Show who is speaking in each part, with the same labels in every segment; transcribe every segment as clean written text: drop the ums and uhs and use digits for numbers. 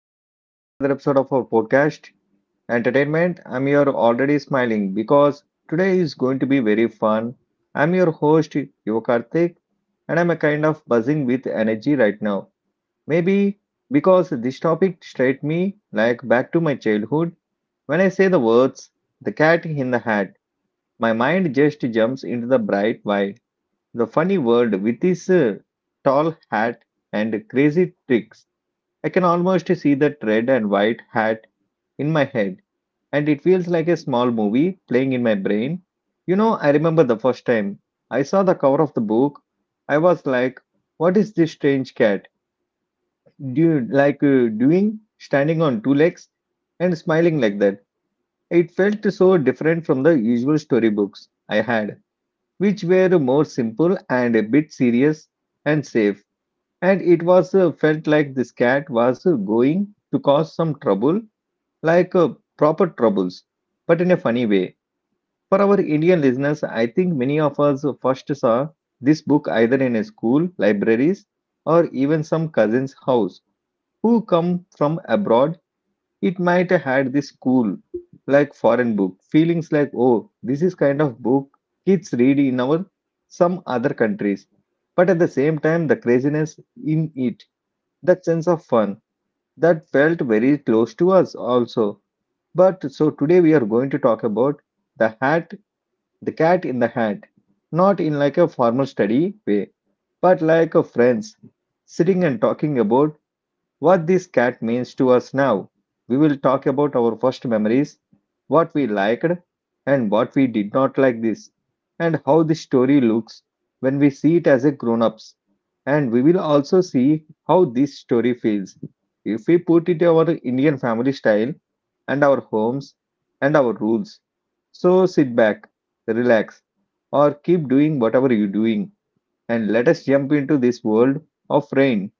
Speaker 1: welcome back to another episode of our podcast, Entertainment. I'm your already smiling because today is going to be very fun. I'm your host, Yuvakarthik, and I'm a kind of buzzing with energy right now. Maybe because this topic straight me like back to my childhood. When I say the words, the cat in the hat, my mind just jumps into the bright wide, the funny world with this tall hat and crazy tricks. I can almost see the red and white hat in my head, and it feels like a small movie playing in my brain. You know, I remember the first time I saw the cover of the book, I was like, "What is this strange cat? Do like doing standing on two legs and smiling like that?" It felt so different from the usual storybooks I had, which were more simple and a bit serious and safe. And it was felt like this cat was going to cause some trouble like proper troubles, but in a funny way. For our Indian listeners, I think many of us first saw this book either in a school, libraries, or even some cousin's house who come from abroad. It might have had this cool, like foreign book, feelings like, oh, this is kind of book kids read in our some other countries. But at the same time, the craziness in it, that sense of fun that felt very close to us also. But so today we are going to talk about the hat, the cat in the hat, not in like a formal study way, but like a friends sitting and talking about what this cat means to us now. We will talk about our first memories, what we liked and what we did not like this, and how the story looks when we see it as a grown-ups. And we will also see how this story feels if we put it our Indian family style and our homes and our rules. So sit back, relax, or keep doing whatever you're doing, and let us jump into this world of rain,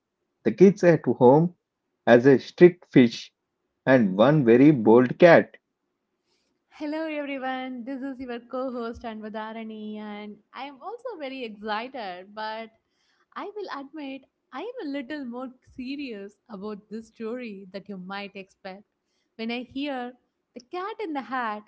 Speaker 1: the kids at home, as a strict fish and one very bold cat.
Speaker 2: Hello everyone, this is your co-host Anvadharani, and I am also very excited, but I will admit I am a little more serious about this story that you might expect. When I hear the cat in the hat,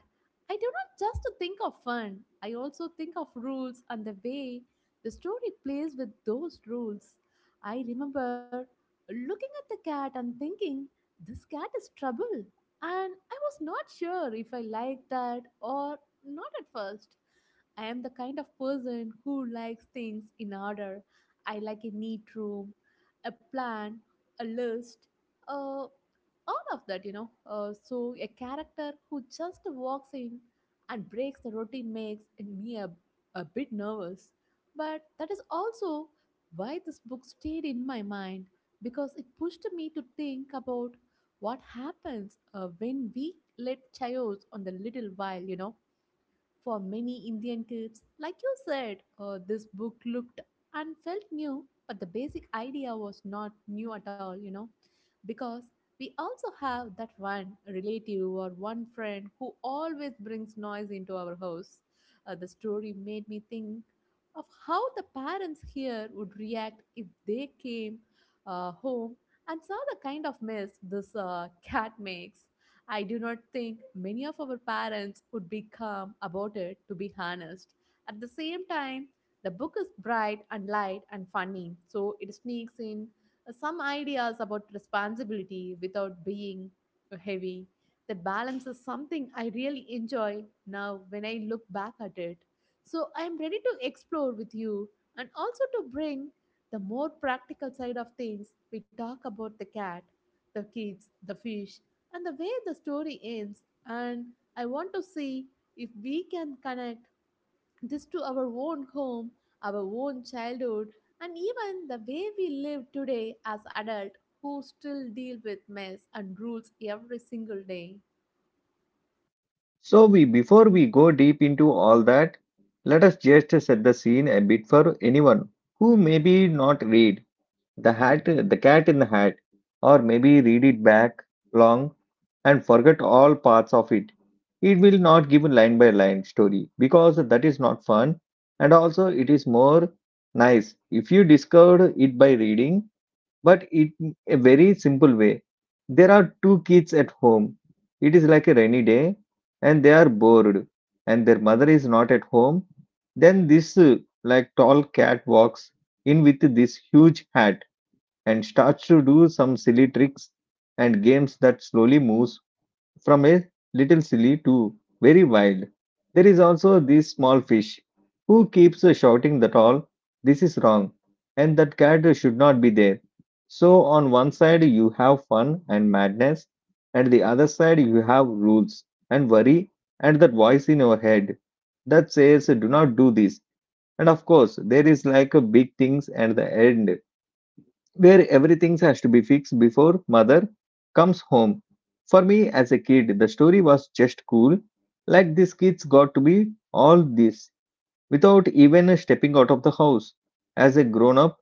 Speaker 2: I do not just think of fun, I also think of rules and the way the story plays with those rules. I remember looking at the cat and thinking, this cat is trouble, and I was not sure if I liked that or not at first. I am the kind of person who likes things in order. I like a neat room, a plan, a list, uh, all of that, you know. So, a character who just walks in and breaks the routine makes me a bit nervous. But that is also why this book stayed in my mind, because it pushed me to think about what happens when we let chaos on the little while, you know. For many Indian kids, like you said, this book looked and felt new, but the basic idea was not new at all, you know, because we also have that one relative or one friend who always brings noise into our house. The story made me think of how the parents here would react if they came home and saw the kind of mess this cat makes. I do not think many of our parents would be calm about it, to be honest. At the same time, the book is bright and light and funny, so it sneaks in some ideas about responsibility without being heavy. That balance is something I really enjoy now when I look back at it. So I'm ready to explore with you and also to bring the more practical side of things. We talk about the cat, the kids, the fish, and the way the story ends, and I want to see if we can connect this to our own home, our own childhood, and even the way we live today as adults who still deal with mess and rules every single day.
Speaker 1: So we before we go deep into all that, let us just set the scene a bit for anyone who maybe not read the hat the cat in the hat or maybe read it back long and forget all parts of it. It will not give line by line story because that is not fun and also it is more nice if you discovered it by reading but in a very simple way. There are two kids at home. It is like a rainy day, and they are bored, and their mother is not at home. Then this like tall cat walks in with this huge hat and starts to do some silly tricks and games that slowly moves from a little silly to very wild. There is also this small fish who keeps shouting that all this is wrong and that cat should not be there. So, on one side, you have fun and madness, and the other side, you have rules and worry and that voice in your head that says, "Do not do this." And of course, there is like a big things and the end where everything has to be fixed before mother comes home. For me as a kid, the story was just cool. Like these kids got to be all this without even stepping out of the house. As a grown up,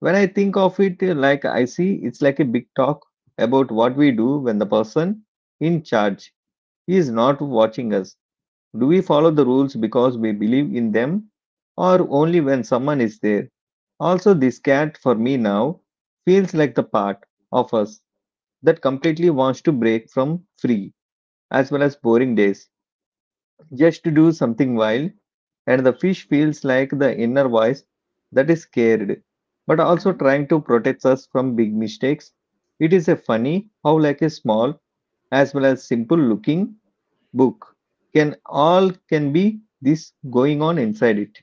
Speaker 1: when I think of it like I see, it's like a big talk about what we do when the person in charge is not watching us. Do we follow the rules because we believe in them or only when someone is there? Also, this cat for me now feels like the part of us that completely wants to break from free as well as boring days just to do something wild, and the fish feels like the inner voice that is scared but also trying to protect us from big mistakes. It is a funny how, like a small as well as simple looking book can all can be this going on inside it.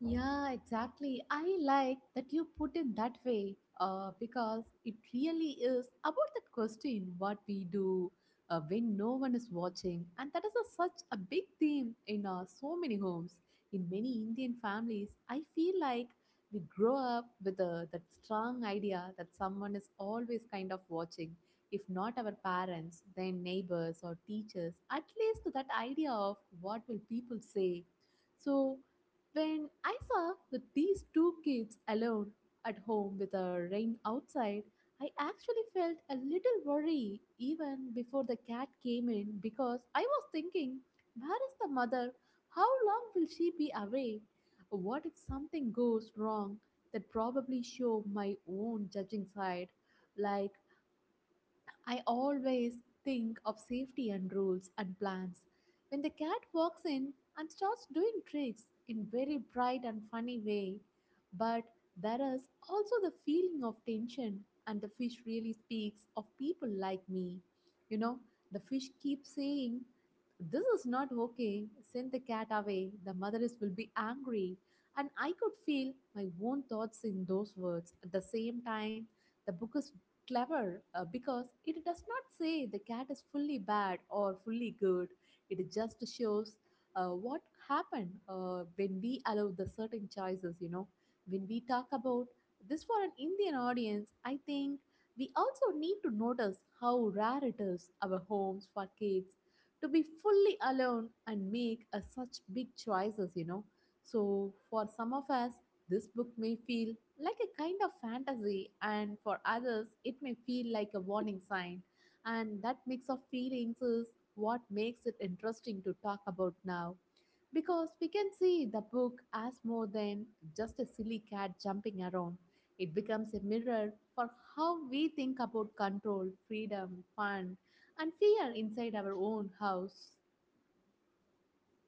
Speaker 2: Yeah, exactly. I like that you put it that way, because it really is about that question, what we do when no one is watching. And that is such a big theme in so many homes. In many Indian families, I feel like we grow up with that strong idea that someone is always kind of watching. If not our parents, then neighbors or teachers, at least that idea of what will people say. So when I saw that these two kids alone at home with a rain outside, I actually felt a little worry even before the cat came in, because I was thinking, where is the mother? How long will she be away? What if something goes wrong? That probably show my own judging side. Like, I always think of safety and rules and plans. When the cat walks in and starts doing tricks in very bright and funny way, but there is also the feeling of tension, and the fish really speaks of people like me. You know, the fish keeps saying, this is not okay. Send the cat away. The motheress will be angry. And I could feel my own thoughts in those words. At the same time, the book is clever, because it does not say the cat is fully bad or fully good. It just shows what happened when we allow the certain choices, you know. When we talk about this for an Indian audience, I think we also need to notice how rare it is our homes for kids to be fully alone and make such big choices, you know. So, for some of us, this book may feel like a kind of fantasy, and for others, it may feel like a warning sign. And that mix of feelings is what makes it interesting to talk about now. Because we can see the book as more than just a silly cat jumping around. It becomes a mirror for how we think about control, freedom, fun, and fear inside our own house.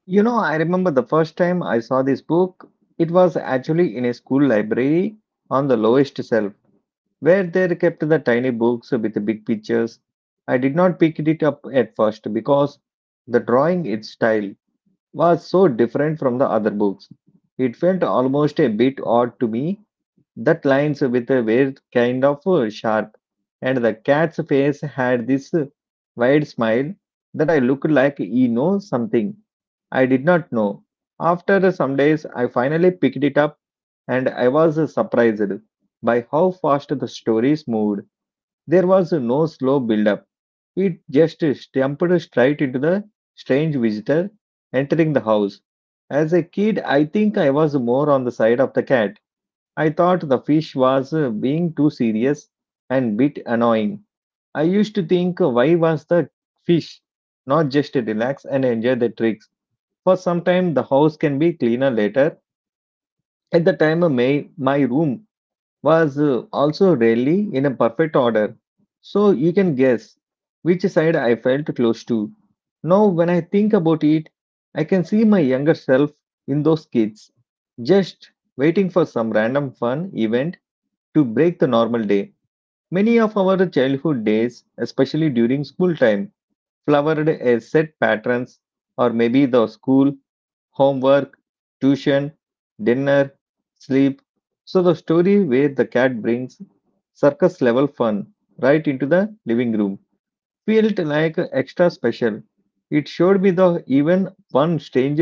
Speaker 1: You know, I remember the first time I saw this book, it was actually in a school library on the lowest shelf where they kept the tiny books with the big pictures. I did not pick it up at first because the drawing its style was so different from the other books. It felt almost a bit odd to me. That lines with a were kind of sharp, and the cat's face had this wide smile that I looked like he knows something I did not know. After some days, I finally picked it up, and I was surprised by how fast the stories moved. There was no slow build-up. It just stamped straight into the strange visitor entering the house. As a kid, I think I was more on the side of the cat. I thought the fish was being too serious and bit annoying. I used to think why was the fish not just relax and enjoy the tricks. For some time the house can be cleaner later. At the time my room was also really in a perfect order. So you can guess which side I felt close to. Now when I think about it, I can see my younger self in those kids just waiting for some random fun event to break the normal day. Many of our childhood days, especially during school time, flowered as set patterns or maybe the school, homework, tuition, dinner, sleep. So the story where the cat brings circus level fun right into the living room felt like extra special. It showed me the even one strange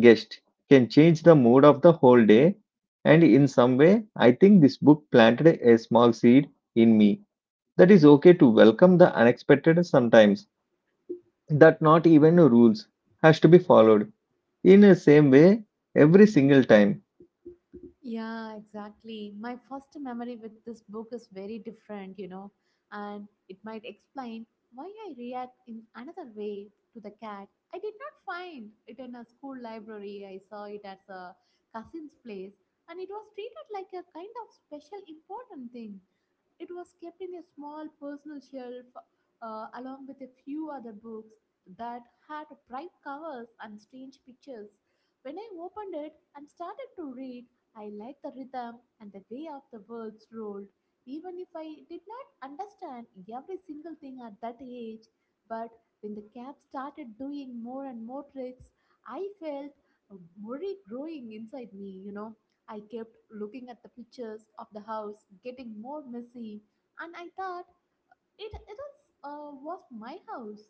Speaker 1: guest can change the mood of the whole day. And in some way, I think this book planted a small seed in me that is okay to welcome the unexpected sometimes, that not even rules has to be followed. In the same way, every single time.
Speaker 2: Yeah, exactly. My first memory with this book is very different, you know, and it might explain why I react in another way to the cat. I did not find it in a school library. I saw it at a cousin's place, and it was treated like a kind of special important thing. It was kept in a small personal shelf along with a few other books that had bright covers and strange pictures. When I opened it and started to read, I liked the rhythm and the way of the words rolled, even if I did not understand every single thing at that age. But when the cat started doing more and more tricks, I felt worry growing inside me, you know. I kept looking at the pictures of the house getting more messy, and I thought it it is was my house.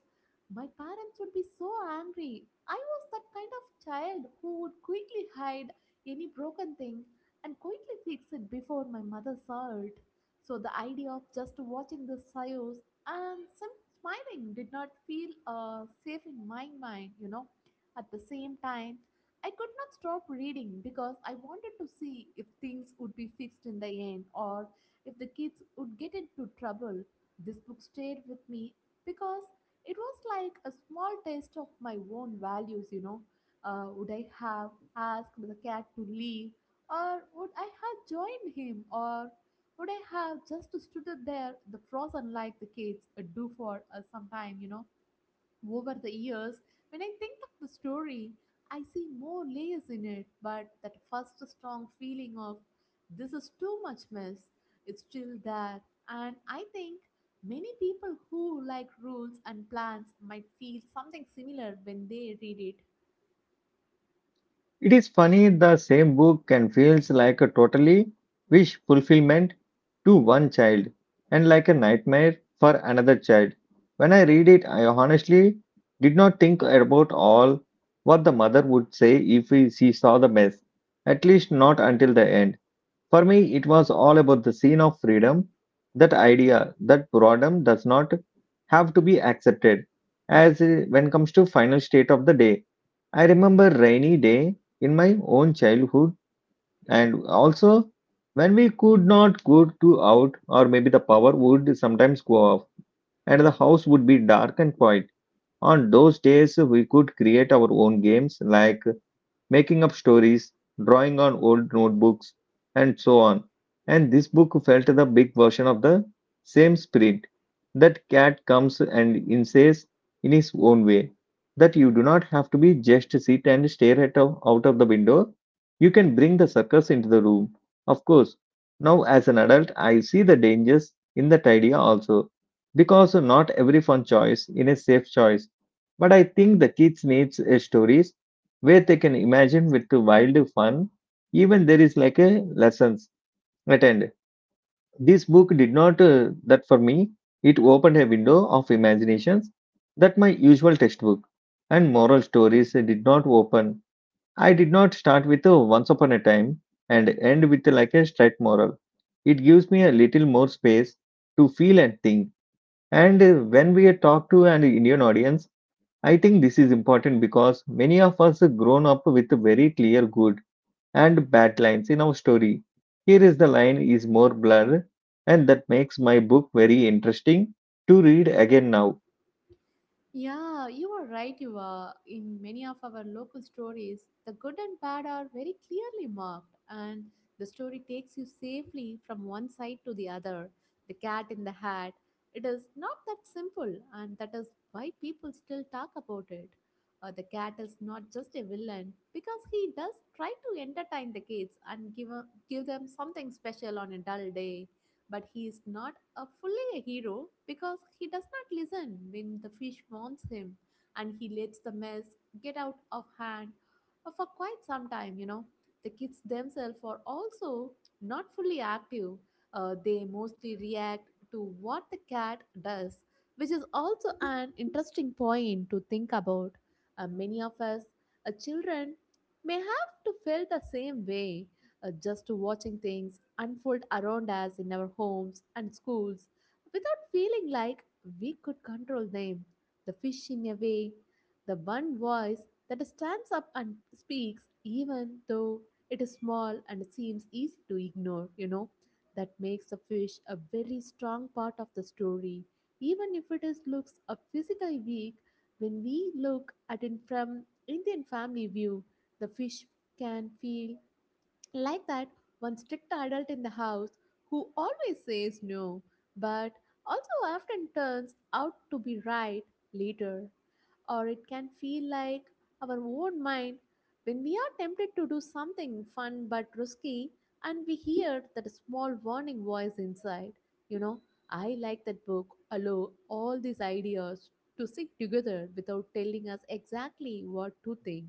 Speaker 2: My parents would be so angry. I was that kind of child who would quickly hide any broken thing and quickly fix it before my mother saw it. So the idea of just watching the chaos and some smiling did not feel safe in my mind. You know, at the same time, I could not stop reading because I wanted to see if things would be fixed in the end or if the kids would get into trouble. This book stayed with me because it was like a small taste of my own values, you know. Would I have asked the cat to leave, or would I have joined him, or would I have just stood there, the frozen like the kids do for some time, you know? Over the years, when I think of the story, I see more layers in it, but that first strong feeling of this is too much mess is still there. And I think many people who like rules and plans might feel something similar when they read it.
Speaker 1: It is funny the same book can feels like a totally wish fulfillment to one child and like a nightmare for another child. When I read it, I honestly did not think about all what the mother would say if she saw the mess, at least not until the end. For me, it was all about the scene of freedom, that idea that boredom does not have to be accepted. As when comes to final state of the day, I remember rainy day in my own childhood, and also when we could not go to out, or maybe the power would sometimes go off, and the house would be dark and quiet. On those days, we could create our own games like making up stories, drawing on old notebooks, and so on. And this book felt the big version of the same spirit. That cat comes and insists in his own way that you do not have to be just sit and stare at out of the window. You can bring the circus into the room. Of course, now as an adult, I see the dangers in that idea also, because not every fun choice in a safe choice. But I think the kids needs a stories where they can imagine with the wild fun even there is like a lessons at end. This book did not that for me. It opened a window of imaginations that my usual textbook and moral stories did not open. I did not start with a once upon a time and end with like a straight moral. It gives me a little more space to feel and think. And when we talk to an Indian audience, I think this is important because many of us have grown up with a very clear good and bad lines in our story. Here is the line is more blur, and that makes my book very interesting to read again now.
Speaker 2: Yeah, you are right. You are. In many of our local stories, the good and bad are very clearly marked, and the story takes you safely from one side to the other. The cat in the hat. It is not that simple, and that is why people still talk about it. The cat is not just a villain, because he does try to entertain the kids and give them something special on a dull day, but he is not a fully a hero, because he does not listen when the fish wants him, and he lets the mess get out of hand for quite some time, you know. The kids themselves are also not fully active. They mostly react to what the cat does, which is also an interesting point to think about. Many of us, children, may have to feel the same way, just watching things unfold around us in our homes and schools without feeling like we could control them. The fish, in a way, the one voice that stands up and speaks, even though it is small and seems easy to ignore, you know, that makes the fish a very strong part of the story. Even if it is looks a physically weak, when we look at it from Indian family view, the fish can feel like that one strict adult in the house who always says no, but also often turns out to be right later, or it can feel like our own mind when we are tempted to do something fun but risky, and we hear that small warning voice inside. You know, I like that book, allow all these ideas to sit together without telling us exactly what to think.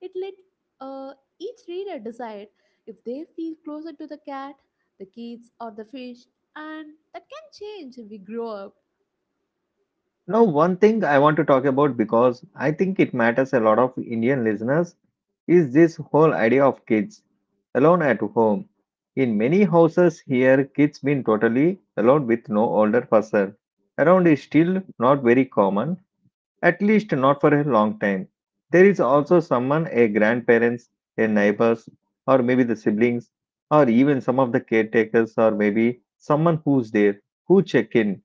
Speaker 2: It let uh, each reader decide if they feel closer to the cat, the kids, or the fish, and that can change if we grow up.
Speaker 1: Now, one thing I want to talk about because I think it matters a lot of Indian listeners is this whole idea of kids alone at home. In many houses here, kids been totally alone with no older person. Around is still not very common, at least not for a long time. There is also someone, a grandparents, a neighbors, or maybe the siblings, or even some of the caretakers, or maybe someone who's there, who check in.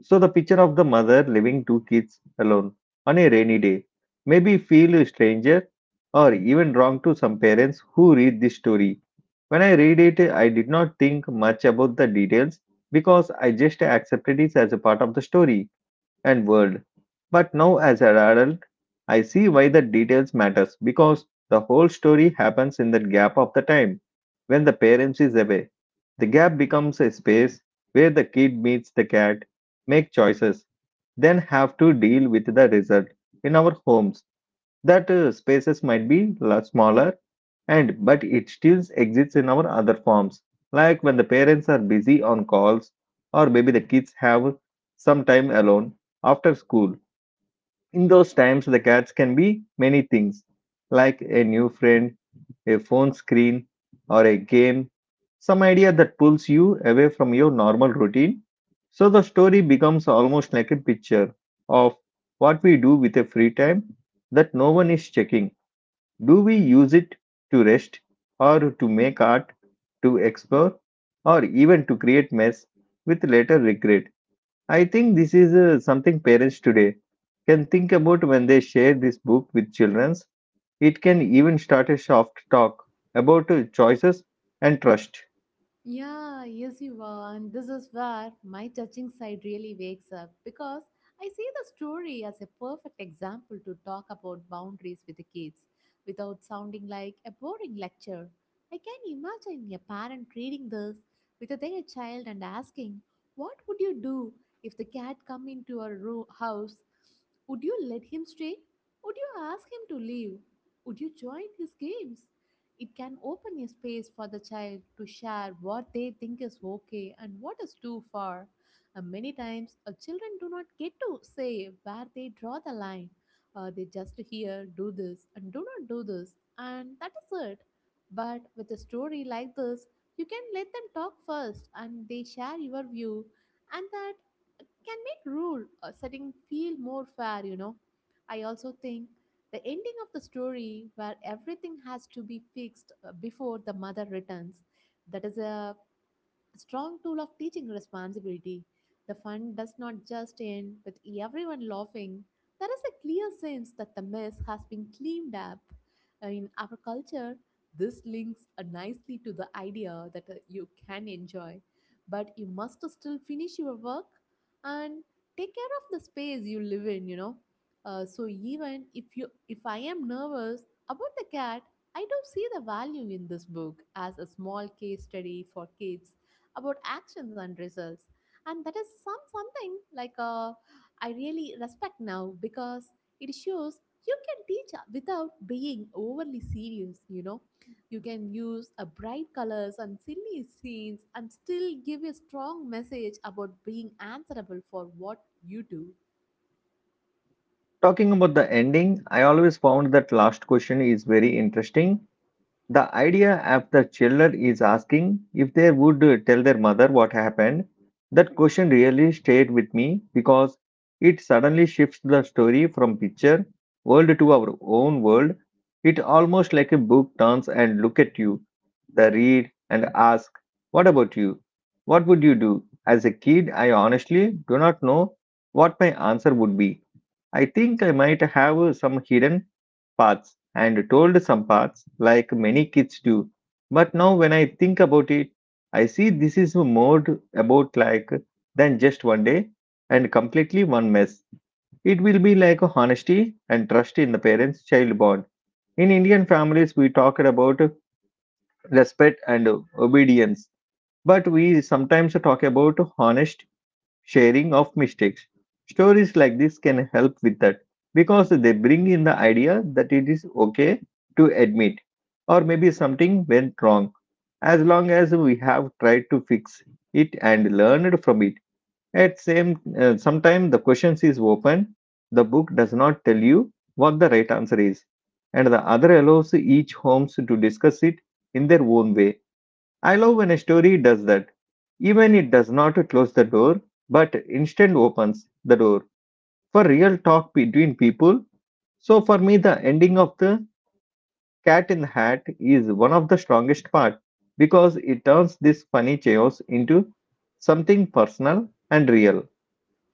Speaker 1: So the picture of the mother leaving two kids alone on a rainy day maybe feel a stranger or even wrong to some parents who read this story. When I read it, I did not think much about the details because I just accepted it as a part of the story and world. But now, as an adult, I see why the details matters because the whole story happens in that gap of the time when the parents is away. The gap becomes a space where the kid meets the cat, make choices, then have to deal with the result in our homes that spaces might be smaller and but it still exists in our other forms like when the parents are busy on calls or maybe the kids have some time alone after school in those times the cats can be many things like a new friend, a phone screen, or a game, some idea that pulls you away from your normal routine. So the story becomes almost like a picture of what we do with a free time that no one is checking. Do we use it to rest, or to make art, to explore, or even to create mess with later regret? I think this is something parents today can think about when they share this book with children. It can even start a soft talk about choices and trust.
Speaker 2: Yeah, yes, you are. And this is where my judging side really wakes up, because I see the story as a perfect example to talk about boundaries with the kids without sounding like a boring lecture. I can imagine a parent reading this with their child and asking, what would you do if the cat come into our room house? Would you let him stay? Would you ask him to leave? Would you join his games? It can open a space for the child to share what they think is okay and what is too far. Many times, children do not get to say where they draw the line. They just hear, do this, and do not do this, and that is it. But with a story like this, you can let them talk first and they share your view, and that can make rule setting feel more fair, you know. I also think the ending of the story, where everything has to be fixed before the mother returns, that is a strong tool of teaching responsibility. The fun does not just end with everyone laughing. There is a clear sense that the mess has been cleaned up. In our culture, this links nicely to the idea that you can enjoy, but you must still finish your work and take care of the space you live in, you know. So even if you if I am nervous about the cat, I do see the value in this book as a small case study for kids about actions and results, and that is something like I really respect now, because it shows you can teach without being overly serious, you know. You can use a bright colors and silly scenes and still give a strong message about being answerable for what you do.
Speaker 1: Talking about the ending, I always found that last question is very interesting. The idea of the children is asking if they would tell their mother what happened. That question really stayed with me because it suddenly shifts the story from picture world to our own world. It almost like a book turns and look at you, the read and ask, "What about you? What would you do?" As a kid, I honestly do not know what my answer would be. I think I might have some hidden paths and told some paths like many kids do. But now when I think about it, I see this is more about like than just one day and completely one mess. It will be like honesty and trust in the parents child bond. In Indian families, we talked about respect and obedience, but we sometimes talk about honest sharing of mistakes. Stories like this can help with that because they bring in the idea that it is okay to admit or maybe something went wrong as long as we have tried to fix it and learned from it. At same sometime the questions is open. The book does not tell you what the right answer is, and the other allows each homes to discuss it in their own way. I love when a story does that, even it does not close the door, but instead opens the door for real talk between people. So for me, the ending of the Cat in the Hat is one of the strongest part because it turns this funny chaos into something personal and real.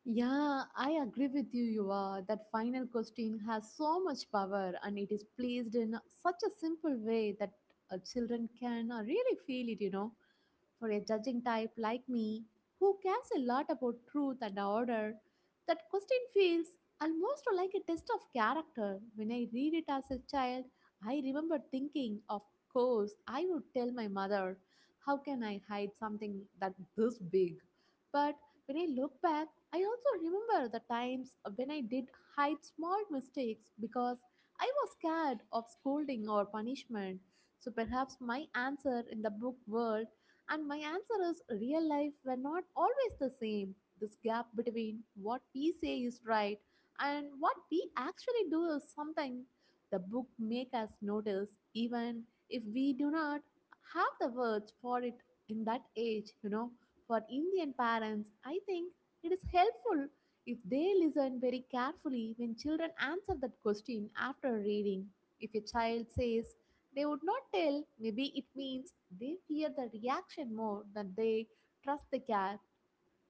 Speaker 2: Yeah, I agree with you, Yuva. That final question has so much power, and it is placed in such a simple way that children can really feel it, you know. For a judging type like me, who cares a lot about truth and order, that question feels almost like a test of character. When I read it as a child, I remember thinking, of course, I would tell my mother. How can I hide something that this big? But when I look back, I also remember the times when I did hide small mistakes because I was scared of scolding or punishment. So perhaps my answer in the book world and my answer is real life were not always the same. This gap between what we say is right and what we actually do is something the book make us notice, even if we do not have the words for it in that age, you know. For Indian parents, I think it is helpful if they listen very carefully when children answer that question after reading. If a child says they would not tell. Maybe it means they fear the reaction more than they trust the cat,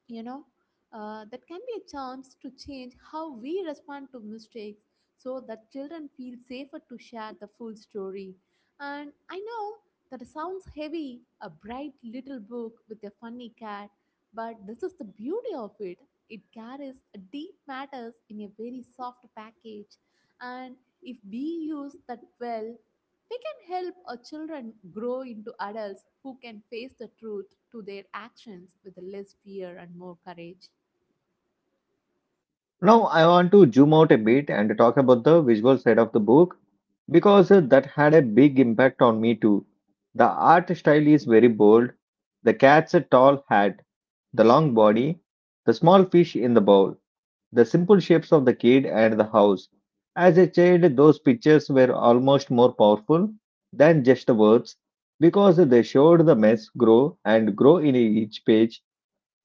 Speaker 2: you know. That can be a chance to change how we respond to mistakes so that children feel safer to share the full story. And I know that sounds heavy a bright little book with a funny cat, but this is the beauty of it. It carries a deep matters in a very soft package, and if we use that well, we can help our children grow into adults who can face the truth to their actions with less fear and more courage.
Speaker 1: Now I want to zoom out a bit and talk about the visual side of the book because that had a big impact on me too. The art style is very bold. The cat's a tall hat, the long body, the small fish in the bowl, the simple shapes of the kid and the house. As a child, those pictures were almost more powerful than just words because they showed the mess grow and grow in each page.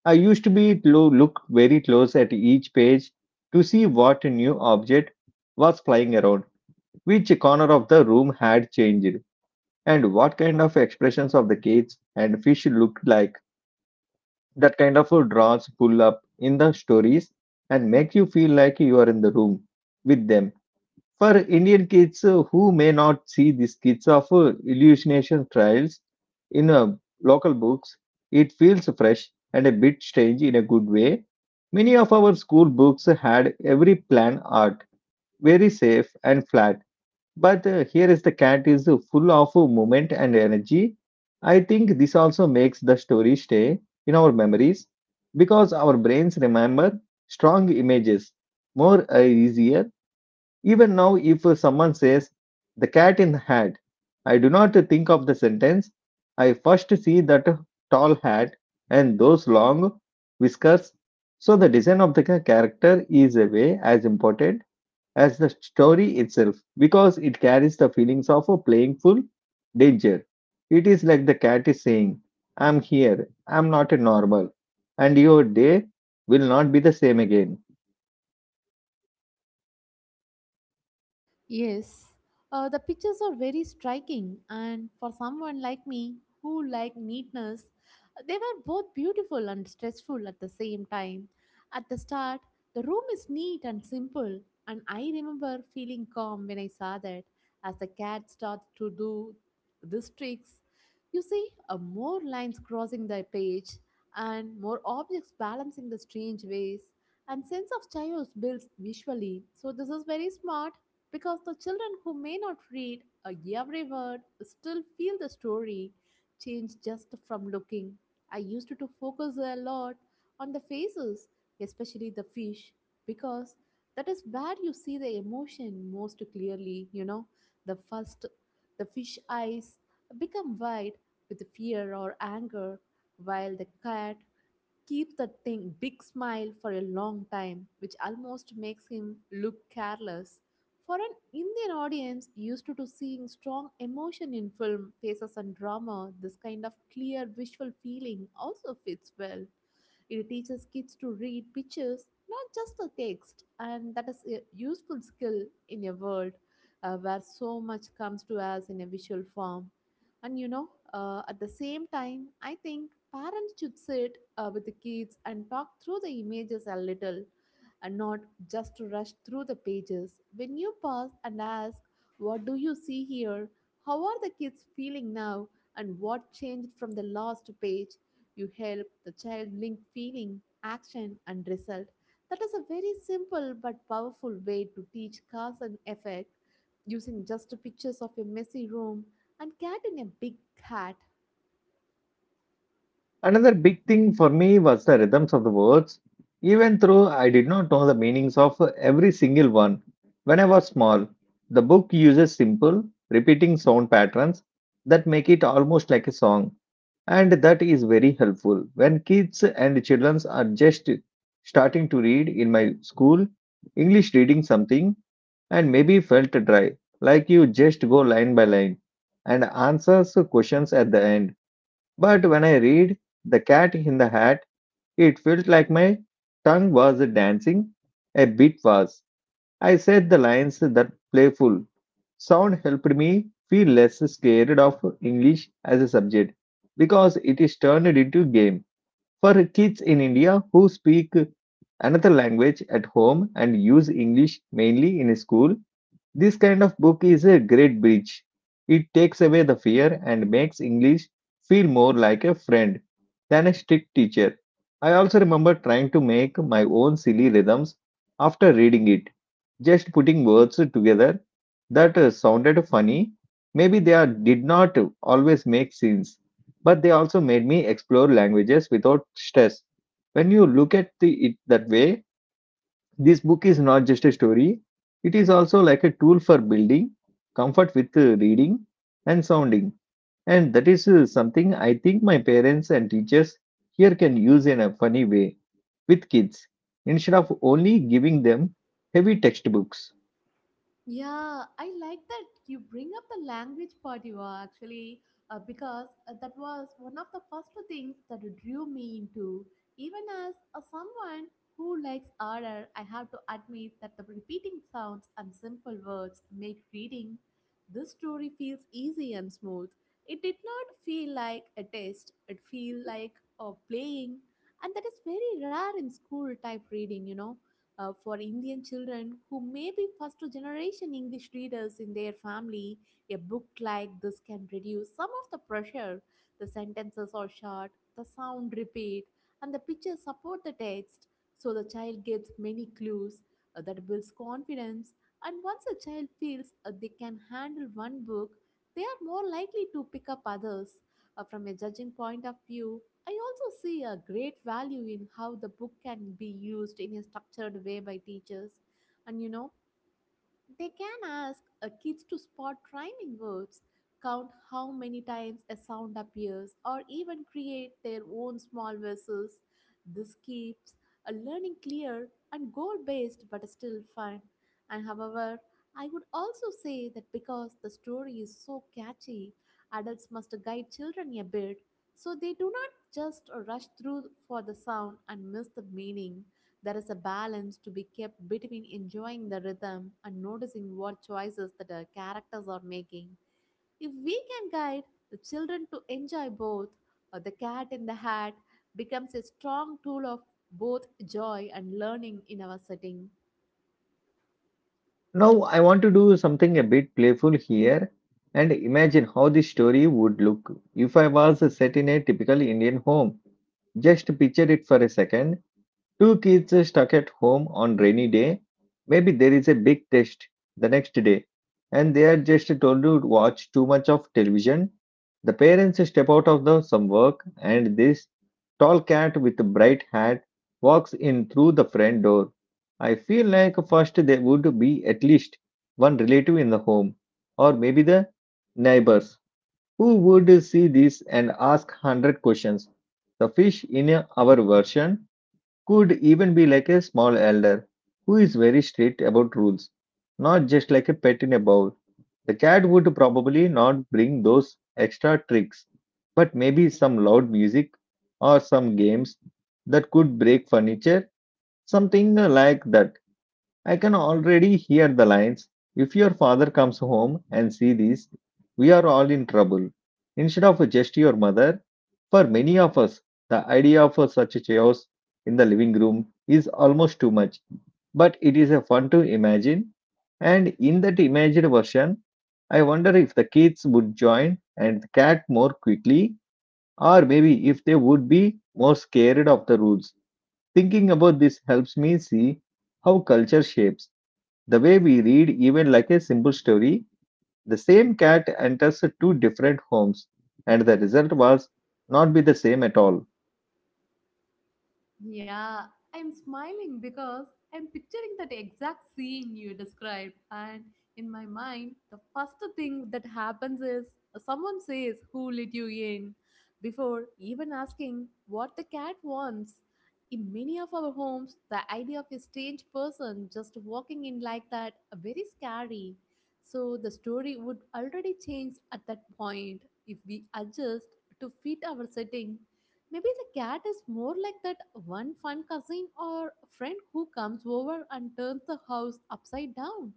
Speaker 1: I used to be to look very close at each page to see what new object was flying around, which corner of the room had changed, and what kind of expressions of the kids and fish looked like. That kind of draws pull up in the stories and make you feel like you are in the room with them. For Indian kids who may not see these kids of hallucination trials in local books, it feels fresh and a bit strange in a good way. Many of our school books had every plan art, very safe and flat, but here is the cat is full of movement and energy. I think this also makes the story stay in our memories because our brains remember strong images more easier. Even now, if someone says the cat in the hat, I do not think of the sentence. I first see that tall hat and those long whiskers. So the design of the character is a way as important as the story itself because it carries the feelings of a playful danger. It is like the cat is saying, I'm here, I'm not a normal, and your day will not be the same again.
Speaker 2: Yes, the pictures are very striking, and for someone like me who like neatness, they were both beautiful and stressful at the same time. At the start, the room is neat and simple, and I remember feeling calm when I saw that as the cat starts to do these tricks. You see, more lines crossing the page, and more objects balancing the strange ways, and sense of chaos builds visually. So this is very smart because the children who may not read a every word still feel the story change just from looking. I used to focus a lot on the faces, especially the fish, because that is where you see the emotion most clearly. You know, the first, the fish eyes become wide with fear or anger, while the cat keeps that thing big smile for a long time, which almost makes him look careless. For an Indian audience used to seeing strong emotion in film, faces and drama, this kind of clear visual feeling also fits well. It teaches kids to read pictures, not just the text, and that is a useful skill in a world where so much comes to us in a visual form. And you know, at the same time, I think parents should sit with the kids and talk through the images a little, and not just to rush through the pages. When you pause and ask, what do you see here? How are the kids feeling now? And what changed from the last page? You help the child link feeling, action, and result. That is a very simple but powerful way to teach cause and effect using just pictures of a messy room and cat in a big hat.
Speaker 1: Another big thing for me was the rhythms of the words. Even though I did not know the meanings of every single one when I was small, the book uses simple, repeating sound patterns that make it almost like a song. And that is very helpful. When kids and children are just starting to read in my school, English reading something and maybe felt dry, like you just go line by line and answers questions at the end. But when I read The Cat in the Hat, it felt like my tongue was dancing, a bit fast. I said the lines that playful sound helped me feel less scared of English as a subject because it is turned into game for kids in India who speak another language at home and use English mainly in school. This kind of book is a great bridge. It takes away the fear and makes English feel more like a friend than a strict teacher. I also remember trying to make my own silly rhythms after reading it, just putting words together that sounded funny. Maybe they are, did not always make sense, but they also made me explore languages without stress. When you look at the, it that way, this book is not just a story, it is also like a tool for building comfort with reading and sounding. And that is something I think my parents and teachers here can use in a funny way with kids instead of only giving them heavy textbooks.
Speaker 2: Yeah, I like that you bring up the language part you are actually because that was one of the first things that drew me into. Even as a someone who likes order, I have to admit that the repeating sounds and simple words make reading this story feels easy and smooth. It did not feel like a test. It feel like a playing, and that is very rare in school type reading. You know for Indian children who may be first generation English readers in their family, a book like this can reduce some of the pressure. The sentences are short, the sound repeat, and the pictures support the text, so the child gets many clues that builds confidence. And once a child feels they can handle one book, they are more likely to pick up others. From a judging point of view, I also see a great value in how the book can be used in a structured way by teachers. And you know, they can ask a kids to spot rhyming words, count how many times a sound appears, or even create their own small verses. This keeps a learning clear and goal based but still fun. And however, I would also say that because the story is so catchy, adults must guide children a bit so they do not just rush through for the sound and miss the meaning. There is a balance to be kept between enjoying the rhythm and noticing what choices that our characters are making. If we can guide the children to enjoy both, the cat in the hat becomes a strong tool of both joy and learning in our setting.
Speaker 1: Now, I want to do something a bit playful here and imagine how this story would look if I was set in a typical Indian home. Just picture it for a second. Two kids are stuck at home on rainy day. Maybe there is a big test the next day, and they are just told to watch too much of television. The parents step out of the some work, and this tall cat with a bright hat walks in through the front door. I feel like first there would be at least one relative in the home, or maybe the neighbors, who would see this and ask 100 questions. The fish in our version could even be like a small elder who is very strict about rules, not just like a pet in a bowl. The cat would probably not bring those extra tricks, but maybe some loud music or some games that could break furniture, something like that. I can already hear the lines. If your father comes home and see this, we are all in trouble. Instead of just your mother, for many of us, the idea of such a chaos in the living room is almost too much, but it is a fun to imagine. And in that imagined version, I wonder if the kids would join and the cat more quickly, or maybe if they would be more scared of the rules. Thinking about this helps me see how culture shapes the way we read, even like a simple story. The same cat enters two different homes, and the result was not be the same at all.
Speaker 2: Yeah, I'm smiling because I'm picturing that exact scene you described. And in my mind, the first thing that happens is someone says, who let you in? Before even asking what the cat wants. In many of our homes, the idea of a strange person just walking in like that are very scary. So the story would already change at that point if we adjust to fit our setting. Maybe the cat is more like that one fun cousin or friend who comes over and turns the house upside down.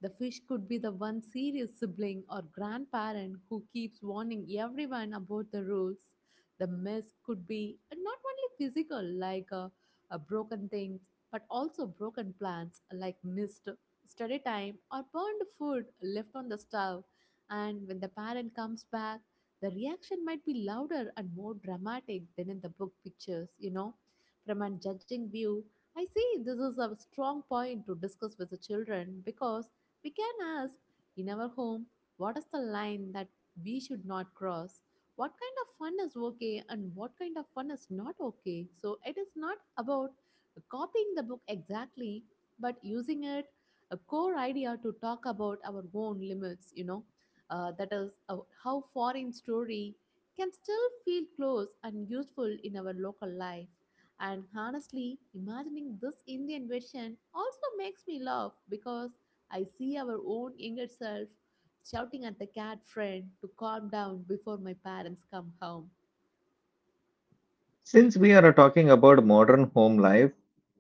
Speaker 2: The fish could be the one serious sibling or grandparent who keeps warning everyone about the rules. The mess could be not only physical, like broken things, but also broken plans, like missed study time or burned food left on the stove. And when the parent comes back, the reaction might be louder and more dramatic than in the book pictures, you know. From a judging view, I see this is a strong point to discuss with the children, because we can ask, in our home what is the line that we should not cross? What kind of fun is okay and what kind of fun is not okay? So it is not about copying the book exactly, but using it a core idea to talk about our own limits, you know. That is how foreign story can still feel close and useful in our local life. And honestly, imagining this Indian version also makes me laugh because I see our own younger self shouting at the cat friend to calm down before my parents come home.
Speaker 1: Since we are talking about modern home life,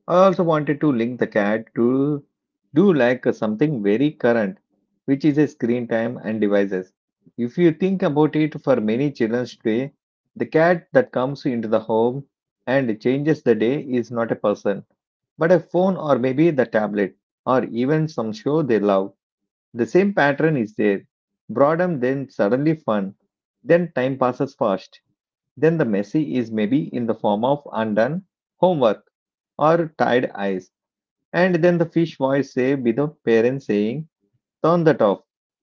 Speaker 1: I also wanted to link the cat to do like something very current, which is a screen time and devices. If you think about it, for many children today, the cat that comes into the home and changes the day is not a person, but a phone or maybe the tablet or even some show they love. The same pattern is there. Boredom, then suddenly fun, then time passes fast. Then the messy is maybe in the form of undone homework or tired eyes. And then the fish voice say with the parents saying, Turn that off.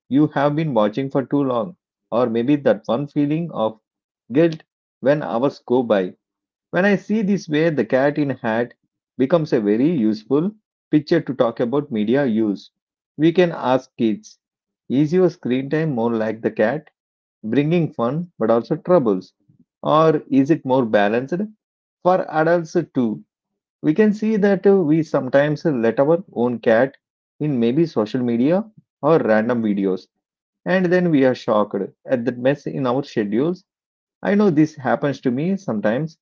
Speaker 1: You have been watching for too long. Or maybe that one feeling of guilt when hours go by. When I see this way, the cat in hat becomes a very useful picture to talk about media use. We can ask kids, is your screen time more like the cat, bringing fun but also troubles? Or is it more balanced, for adults too. We can see that we sometimes let our own cat in maybe social media or random videos, and then we are shocked at the mess in our schedules. I know this happens to me sometimes.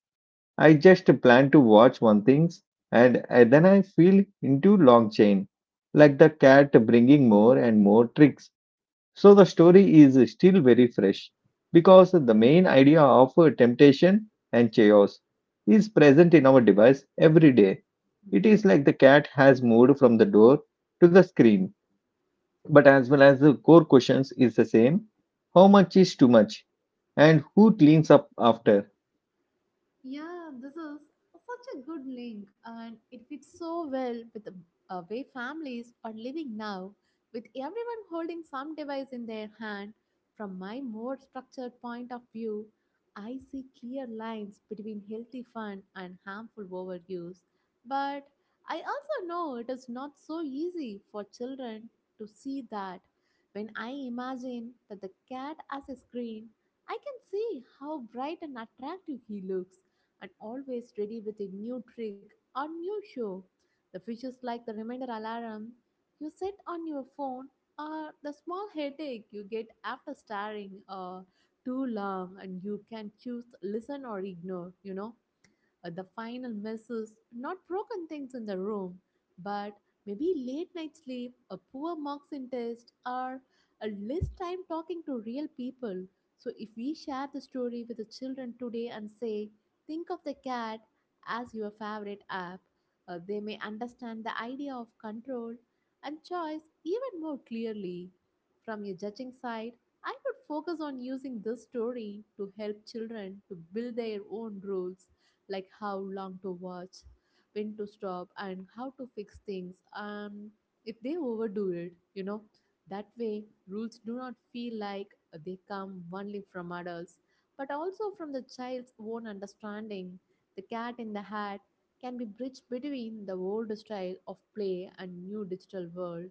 Speaker 1: I just plan to watch one things, and then I feel into long chain, like the cat bringing more and more tricks so the story is still very fresh because the main idea of temptation and chaos is present in our device every day. It
Speaker 2: Mm-hmm.
Speaker 1: is like the cat has moved from the door to the screen. But as well as the core questions is the same. How much is too much? And who cleans up after?
Speaker 2: Yeah, this is such a good link, and it fits so well with the way families are living now, with everyone holding some device in their hand. From my more structured point of view, I see clear lines between healthy fun and harmful overuse. But I also know it is not so easy for children to see that. When I imagine that the cat as a screen, I can see how bright and attractive he looks and always ready with a new trick or new show. The fish is like the reminder alarm you set on your phone or the small headache you get after staring too long, and you can choose listen or ignore, you know. The final mess is not broken things in the room, but maybe late night sleep, a poor marks in test, or a less time talking to real people. So if we share the story with the children today and say, think of the cat as your favorite app, they may understand the idea of control and choice even more clearly. From your judging side, I would focus on using this story to help children to build their own rules like how long to watch, when to stop, and how to fix things. If they overdo it. That way rules do not feel like they come only from adults, but also from the child's own understanding. The cat in the hat can be bridged between the old style of play and new digital world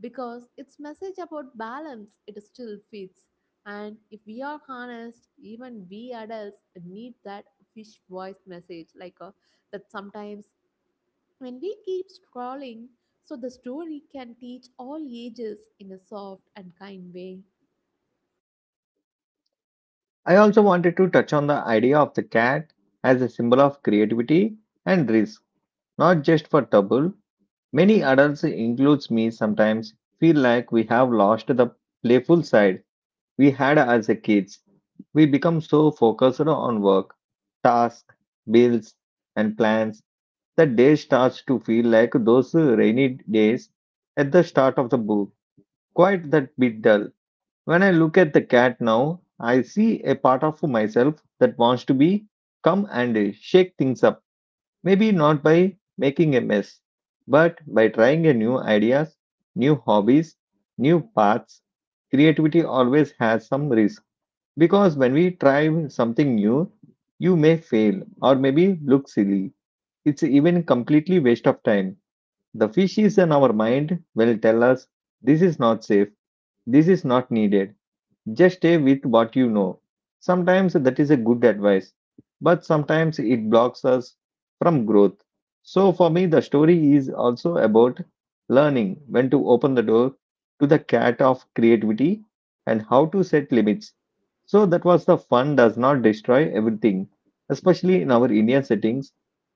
Speaker 2: because its message about balance it still fits, and if we are honest, even we adults need that fish voice message like that sometimes when we keep scrolling. So the story can teach all ages in a soft and kind way.
Speaker 1: I also wanted to touch on the idea of the cat as a symbol of creativity and risk, not just for trouble. Many adults, includes me sometimes, feel like we have lost the playful side we had as a kids. We become so focused on work, tasks, bills, and plans that day starts to feel like those rainy days at the start of the book. Quite that bit dull. When I look at the cat now, I see a part of myself that wants to be come and shake things up. Maybe not by making a mess, but by trying a new ideas, new hobbies, new paths. Creativity always has some risk because when we try something new, you may fail or maybe look silly. It's even completely waste of time. The fishes in our mind will tell us this is not safe, this is not needed. Just stay with what you know. Sometimes that is a good advice, but sometimes it blocks us from growth. So for me, the story is also about learning when to open the door to the cat of creativity and how to set limits. So that was the fun does not destroy everything, especially in our Indian settings.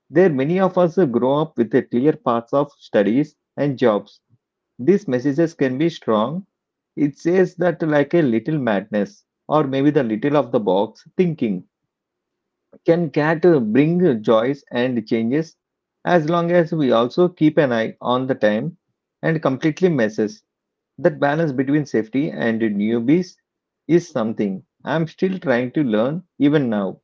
Speaker 1: There, many of us grow up with a clear paths of studies and jobs these messages can be strong. It says that like a little madness or maybe the little of the box thinking can cat bring joys and changes as long as we also keep an eye on the time and completely messes. That balance between safety and newbies is something I'm still trying to learn even now.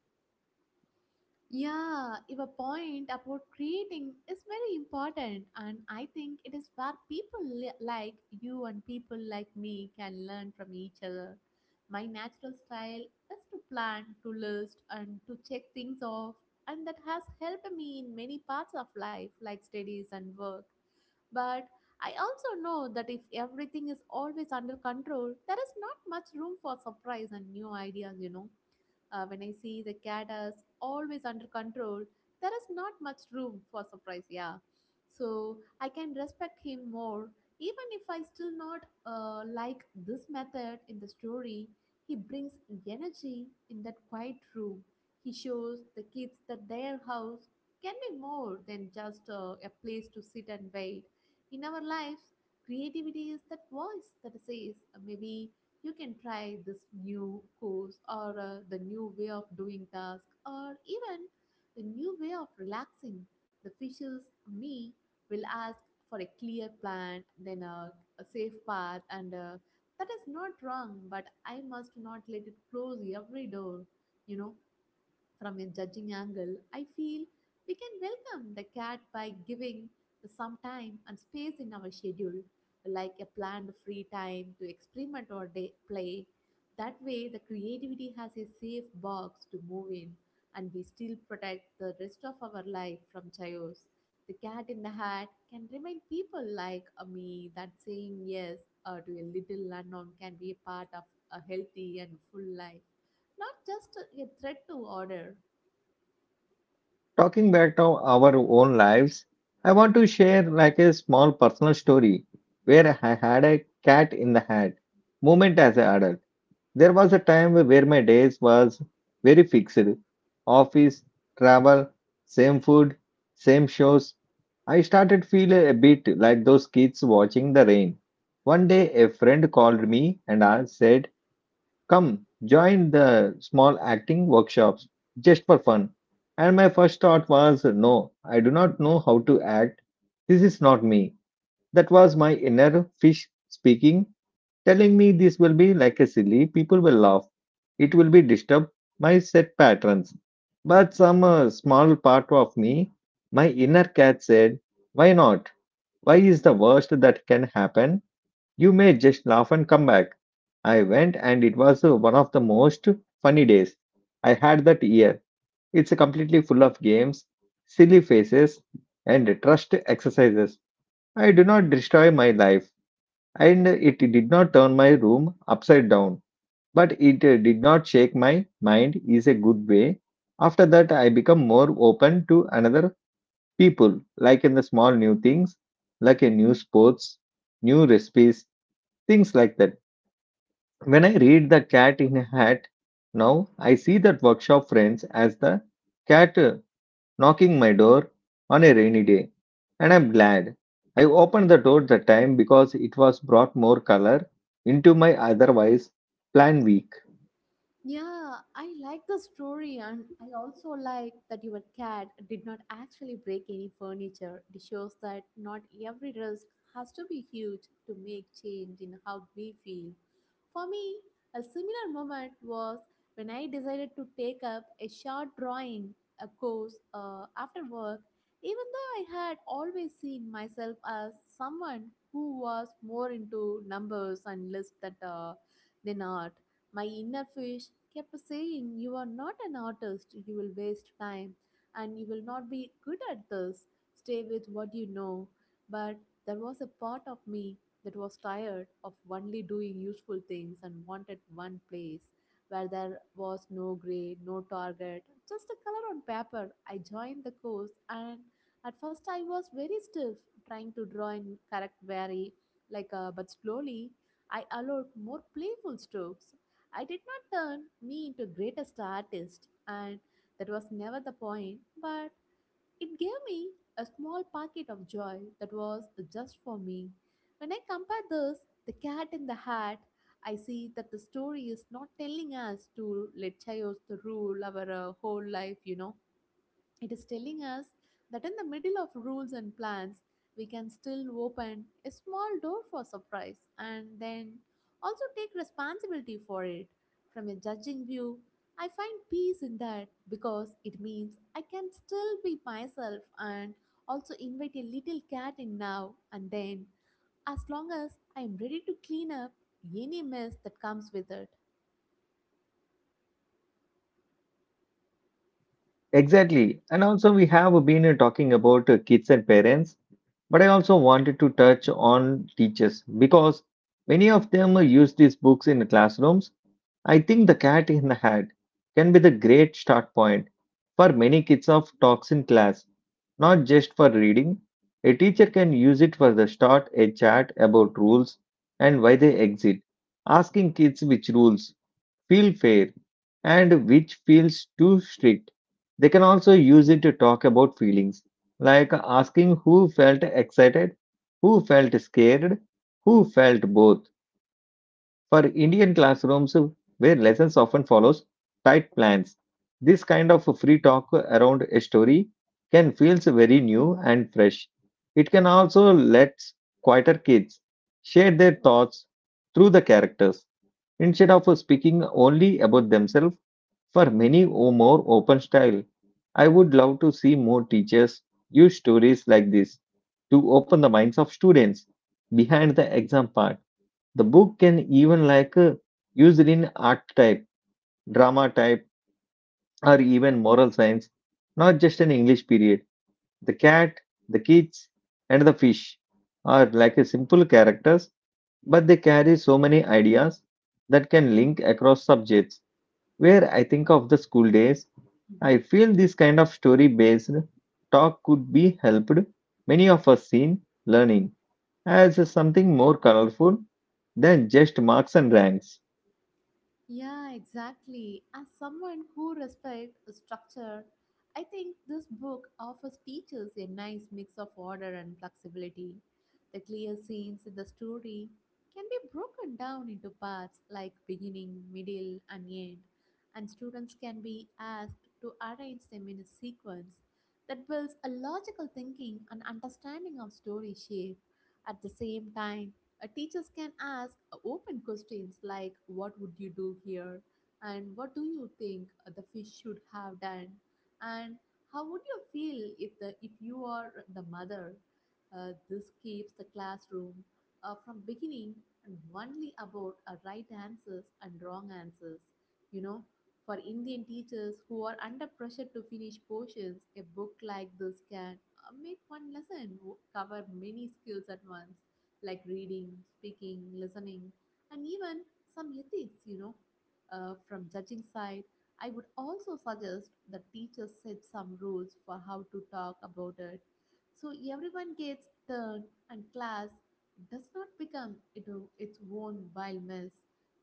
Speaker 2: Yeah, your point about creating is very important, and I think it is where like you and people like me can learn from each other. My natural style is to plan, to list, and to check things off, and that has helped me in many parts of life, like studies and work. But I also know that if everything is always under control, there is not much room for surprise and new ideas, you know. When I see the cat as always under control, there is not much room for surprise, yeah. So I can respect him more, even if I still not like this method in the story. He brings energy in that quiet room. He shows the kids that their house can be more than just a place to sit and wait. In our lives, creativity is that voice that says, maybe you can try this new course, or the new way of doing task, or even the new way of relaxing. The fishes, me, will ask for a clear plan, a safe path, and that is not wrong, but I must not let it close every door, you know. From a judging angle, I feel we can welcome the cat by giving some time and space in our schedule, like a planned free time to experiment or day play. That way, the creativity has a safe box to move in, and we still protect the rest of our life from chaos. The cat in the hat can remind people like me that saying yes to a little unknown can be a part of a healthy and full life, not just a threat to order.
Speaker 1: Talking back to our own lives, I want to share like a small personal story where I had a cat in the hat moment as an adult. There was a time where my days was very fixed. Office, travel, same food, same shows. I started feel a bit like those kids watching the rain. One day a friend called me and I said, come, join the small acting workshops just for fun. And my first thought was, no, I do not know how to act. This is not me. That was my inner fish speaking, telling me this will be like a silly, people will laugh. It will be disturb my set patterns. But some small part of me, my inner cat said, why not? Why is the worst that can happen? You may just laugh and come back. I went and it was one of the most funny days I had that year. It's completely full of games, silly faces, and trust exercises. I do not destroy my life, and it did not turn my room upside down, but it did not shake my mind is a good way. After that, I become more open to another people, like in the small new things, like a new sports, new recipes, things like that. When I read The Cat in a Hat now, I see that workshop friends as the cat knocking my door on a rainy day. And I'm glad. I opened the door that time because it was brought more color into my otherwise plan week.
Speaker 2: Yeah, I like the story, and I also like that your cat did not actually break any furniture. It shows that not every risk has to be huge to make change in how we feel. For me, a similar moment was when I decided to take up a short drawing a course after work, even though I had always seen myself as someone who was more into numbers and lists that than art. My inner fish kept saying, "You are not an artist, you will waste time, and you will not be good at this. Stay with what you know." But there was a part of me that was tired of only doing useful things and wanted one place where there was no grade, no target, just a color on paper. I joined the course, and at first I was very stiff, trying to draw in correct very but slowly I allowed more playful strokes. I did not turn me into greatest artist, and that was never the point, but it gave me a small pocket of joy that was just for me. When I compare this, the cat in the hat, I see that the story is not telling us to let chaos to rule our whole life, you know. It is telling us that in the middle of rules and plans, we can still open a small door for surprise and then also take responsibility for it. From a judging view, I find peace in that because it means I can still be myself and also invite a little cat in now and then, as long as I am ready to clean up any mess that comes with it.
Speaker 1: Exactly. And also, we have been talking about kids and parents, but I also wanted to touch on teachers because many of them use these books in classrooms. I think The Cat in the Hat can be the great start point for many kids of talks in class, not just for reading. A teacher can use it for the start a chat about rules and why they exist, asking kids which rules feel fair and which feels too strict. They can also use it to talk about feelings, like asking who felt excited, who felt scared, who felt both for Indian classrooms where lessons often follows tight plans, this kind of free talk around a story can feels very new and fresh. It can also let quieter kids share their thoughts through the characters instead of speaking only about themselves for many more open style. I would love to see more teachers use stories like this to open the minds of students behind the exam part. The book can even like used in art type, drama type, or even moral science, not just an English period. The cat, the kids, and the fish are like a simple characters, but they carry so many ideas that can link across subjects. Where I think of the school days, I
Speaker 2: Mm-hmm.
Speaker 1: feel this kind of story based talk could be helped many of us in learning as something more colorful than just marks and ranks.
Speaker 2: Yeah, exactly. As someone who respects structure, I think this book offers teachers a nice mix of order and flexibility. The clear scenes in the story can be broken down into parts like beginning, middle, and end, and students can be asked to arrange them in a sequence that builds a logical thinking and understanding of story shape at the same time. Teachers can ask open questions like, "What would you do here?" and "What do you think the fish should have done?" and "How would you feel if you are the mother?" This keeps the classroom from beginning and only about right answers and wrong answers. You know, for Indian teachers who are under pressure to finish portions, a book like this can make one cover many skills at once like reading, speaking, listening, and even some ethics, you know. From judging side, I would also suggest that teachers set some rules for how to talk about it, so everyone gets turn and class does not become it, its own wild mess,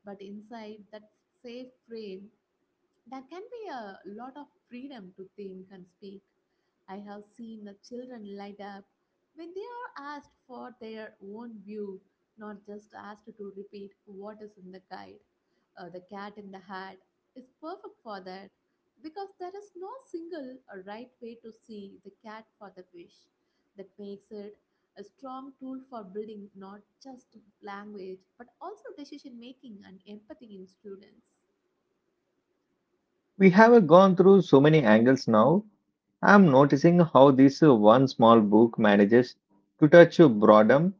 Speaker 2: but inside that safe frame, there can be a lot of freedom to think and speak. I have seen the children light up when they are asked for their own view, not just asked to repeat what is in the guide. The cat in the hat is perfect for that because there is no single or right way to see the cat for the fish. That makes it a strong tool for building not just language but also decision making and empathy in students.
Speaker 1: We have gone through so many angles now. I'm noticing how this one small book manages to touch boredom,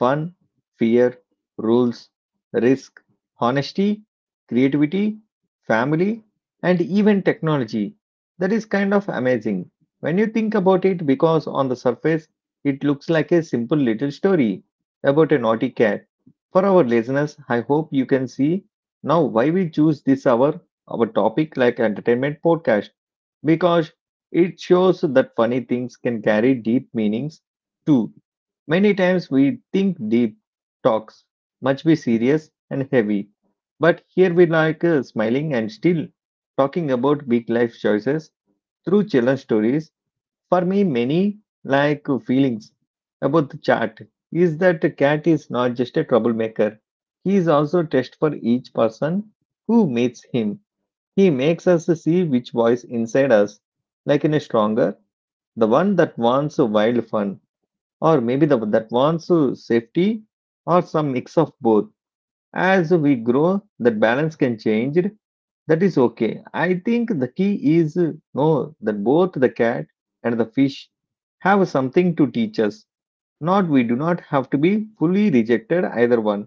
Speaker 1: fun, fear, rules, risk, honesty, creativity, family, and even technology. That is kind of amazing when you think about it because on the surface it looks like a simple little story about a naughty cat. For our listeners, I hope you can see now why we choose this hour our topic like entertainment podcast because it shows that funny things can carry deep meanings too. Many times we think deep talks must be serious and heavy, but here we like smiling and still talking about big life choices through children's stories. For me, many like feelings about the chat is that the cat is not just a troublemaker, he is also a test for each person who meets him. He makes us see which voice inside us, like in a stronger, the one that wants a wild fun, or maybe the that wants a safety, or some mix of both. As we grow, that balance can change. That is okay. I think the key is know that both the cat and the fish have something to teach us. Not we do not have to be fully rejected either one.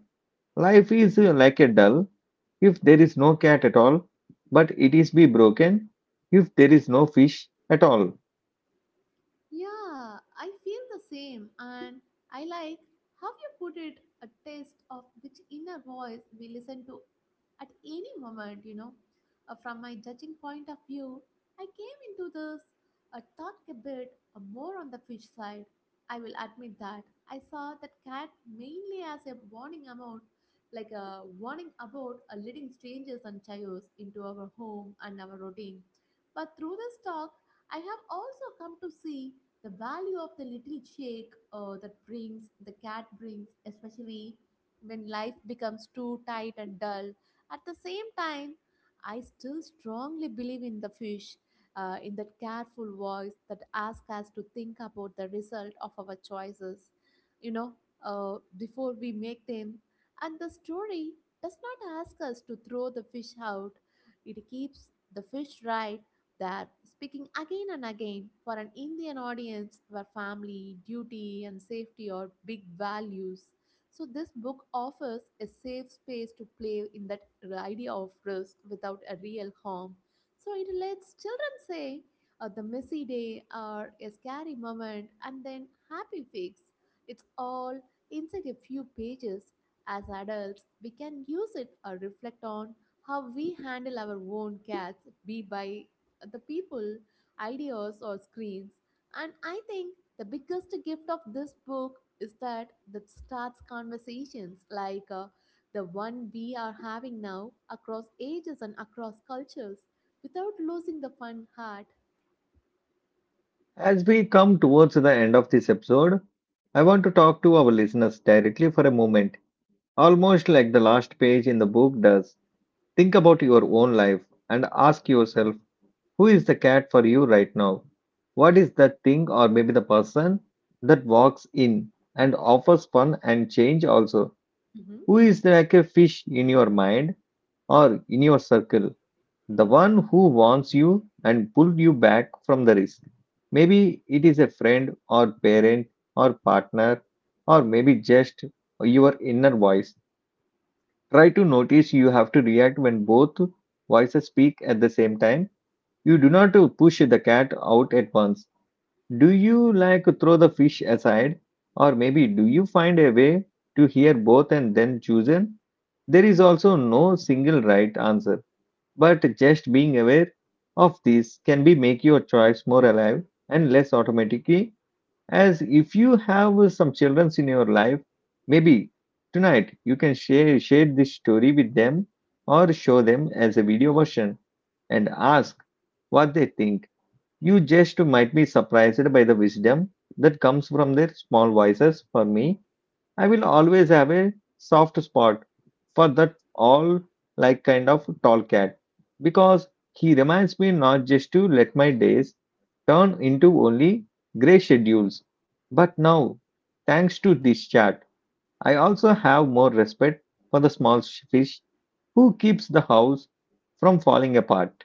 Speaker 1: Life is like a doll
Speaker 2: Hmm?
Speaker 1: if there is no cat at all, but it is be broken if there is no fish at all.
Speaker 2: Yeah, I feel the same, and I like how you put it a taste of which inner voice we listen to at any moment, you know. From my judging point of view, I came into this talk a bit more on the fish side. I will admit that I saw that cat mainly as a warning about, like a warning about leading strangers and chaos into our home and our routine. But through this talk, I have also come to see the value of the little shake that brings the cat brings especially when life becomes too tight and dull. At the same time, I still strongly believe in the fish, in that careful voice that asks us to think about the result of our choices, you know, before we make them. And the story does not ask us to throw the fish out. It keeps the fish right, that speaking again and again for an Indian audience where family, duty, and safety are big values. So, this book offers a safe space to play in that idea of risk without a real harm. So, it lets children say the messy day or a scary moment and then happy fix. It's all inside a few pages. As adults, we can use it or reflect on how we handle our own cats, be by the people, ideas, or screens. And I think the biggest gift of this book is that that starts conversations like the one we are having now, across ages and across cultures, without losing the fun heart.
Speaker 1: As we come towards the end of this episode, I want to talk to our listeners directly for a moment, almost like the last page in the book does. Think about your own life and ask yourself, who is the cat for you right now? What is that thing or maybe the person that walks in and offers fun and change also?
Speaker 2: Mm-hmm.
Speaker 1: Who is like a fish in your mind? Or in your circle, the one who warns you and pulled you back from the risk. Maybe it is a friend or parent or partner, or maybe just your inner voice. Try to notice you have to react when both voices speak at the same time. You do not push the cat out at once. Do you like throw the fish aside? Or maybe do you find a way to hear both and then choose them? There is also no single right answer but just being aware of this can be make your choice more alive and less automatically. As if you have some children in your life, maybe tonight you can share this story with them or show them as a video version and ask what they think. You just might be surprised by the wisdom that comes from their small voices. For me, I will always have a soft spot for that all like kind of tall cat because he reminds me not just to let my days turn into only grey schedules. But now, thanks to this chat, I also have more respect for the small fish who keeps the house from falling apart.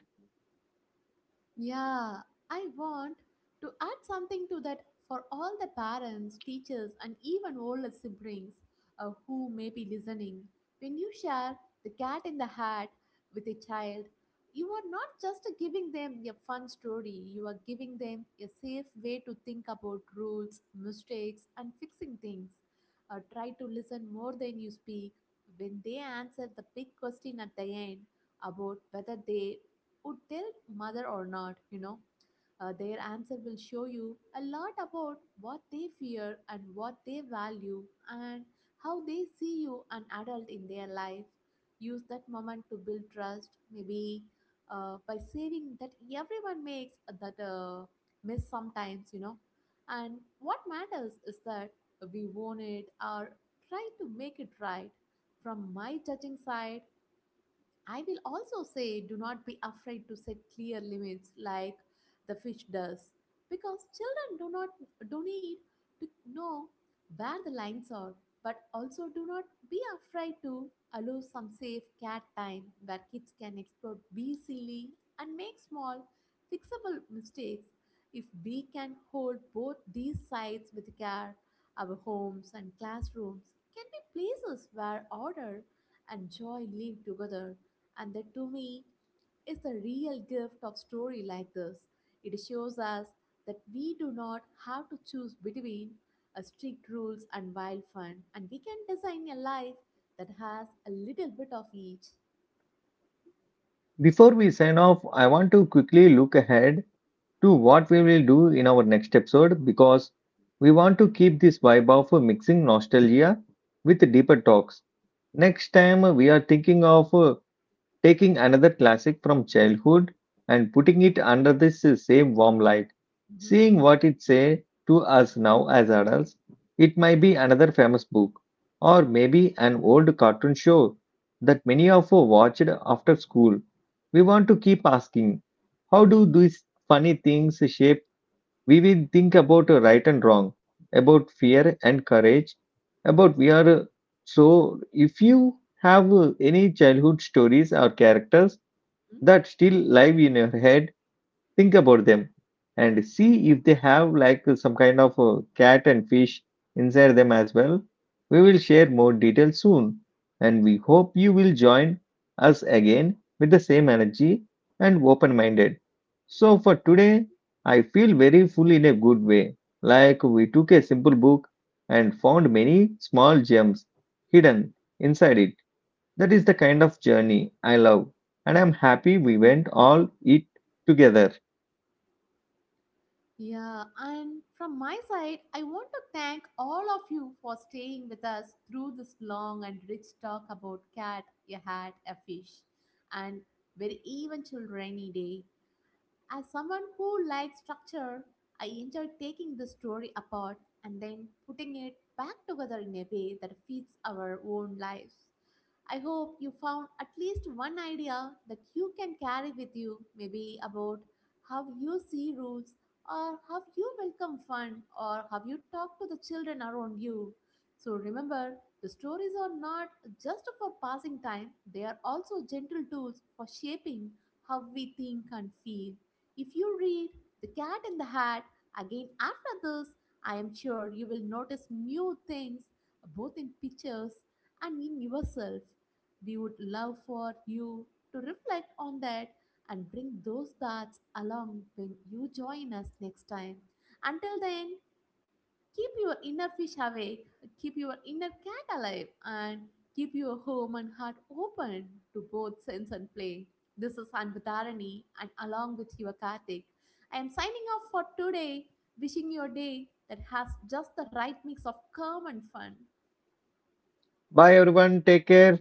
Speaker 2: Yeah, I want to add something to that for all the parents, teachers, and even older siblings who may be listening. When you share the cat in the hat with a child, you are not just giving them a fun story, you are giving them a safe way to think about rules, mistakes, and fixing things. Try to listen more than you speak. When they answer the big question at the end about whether they would tell mother or not, you know. Their answer will show you a lot about what they fear and what they value, and how they see you, an adult, in their life. Use that moment to build trust, maybe by saving that everyone makes that miss sometimes, you know. And what matters is that we own it or try to make it right. From my judging side, I will also say do not be afraid to set clear limits like the fish does, because children do not do need to know where the lines are. But also do not be afraid to allow some safe cat time where kids can explore, be silly, and make small fixable mistakes. If we can hold both these sides with care, our homes and classrooms can be places where order and joy live together, and that, to me, is the real gift of story like this. It shows us that we do not have to choose between a strict rules and wild fun, and we can design a life that has a little bit of each.
Speaker 1: Before we sign off, I want to quickly look ahead to what we will do in our next episode because we want to keep this vibe of mixing nostalgia with deeper talks. Next time, we are thinking of taking another classic from childhood and putting it under this same warm light,
Speaker 2: Mhm,
Speaker 1: seeing what it say to us now as adults. It might be another famous book, or maybe an old cartoon show that many of us watched after school. We want to keep asking, how do these funny things shape we will think about right and wrong, about fear and courage, about we are. So, if you have any childhood stories or characters
Speaker 2: mhm,
Speaker 1: that still live in your head, think about them and see if they have like some kind of cat and fish inside them as well. We will share more details soon and we hope you will join us again with the same energy and open minded. So for today, I feel very full in a good way. Like we took a simple book and found many small gems
Speaker 2: mhm.
Speaker 1: hidden inside it. That is the kind of journey I love and I'm happy we went all it together.
Speaker 2: Yeah, and from my side, I want to thank all of you for staying with us through this long and rich talk about cat, a hat, a fish, and very even children rainy day. As someone who likes structure, I enjoy taking the story apart and then putting it back together in a way that fits our own lives. I hope you found at least one idea that you can carry with you, maybe about how you see rules, or how you welcome fun, or how you talk to the children around you. So remember, the stories are not just for passing time, they are also gentle tools for shaping how we think and feel. If you read The Cat in the Hat again after this, I am sure you will notice new things, both in pictures and in yourself. We would love for you to reflect on that and bring those thoughts along when you join us next time. Until then, keep your inner fish awake, keep your inner cat alive, and keep your home and heart open to both sense and play. This is Anbudharani, and along with your Karthik, I am signing off for today, wishing your day that has just the right mix of calm and fun.
Speaker 1: Bye everyone. Take care.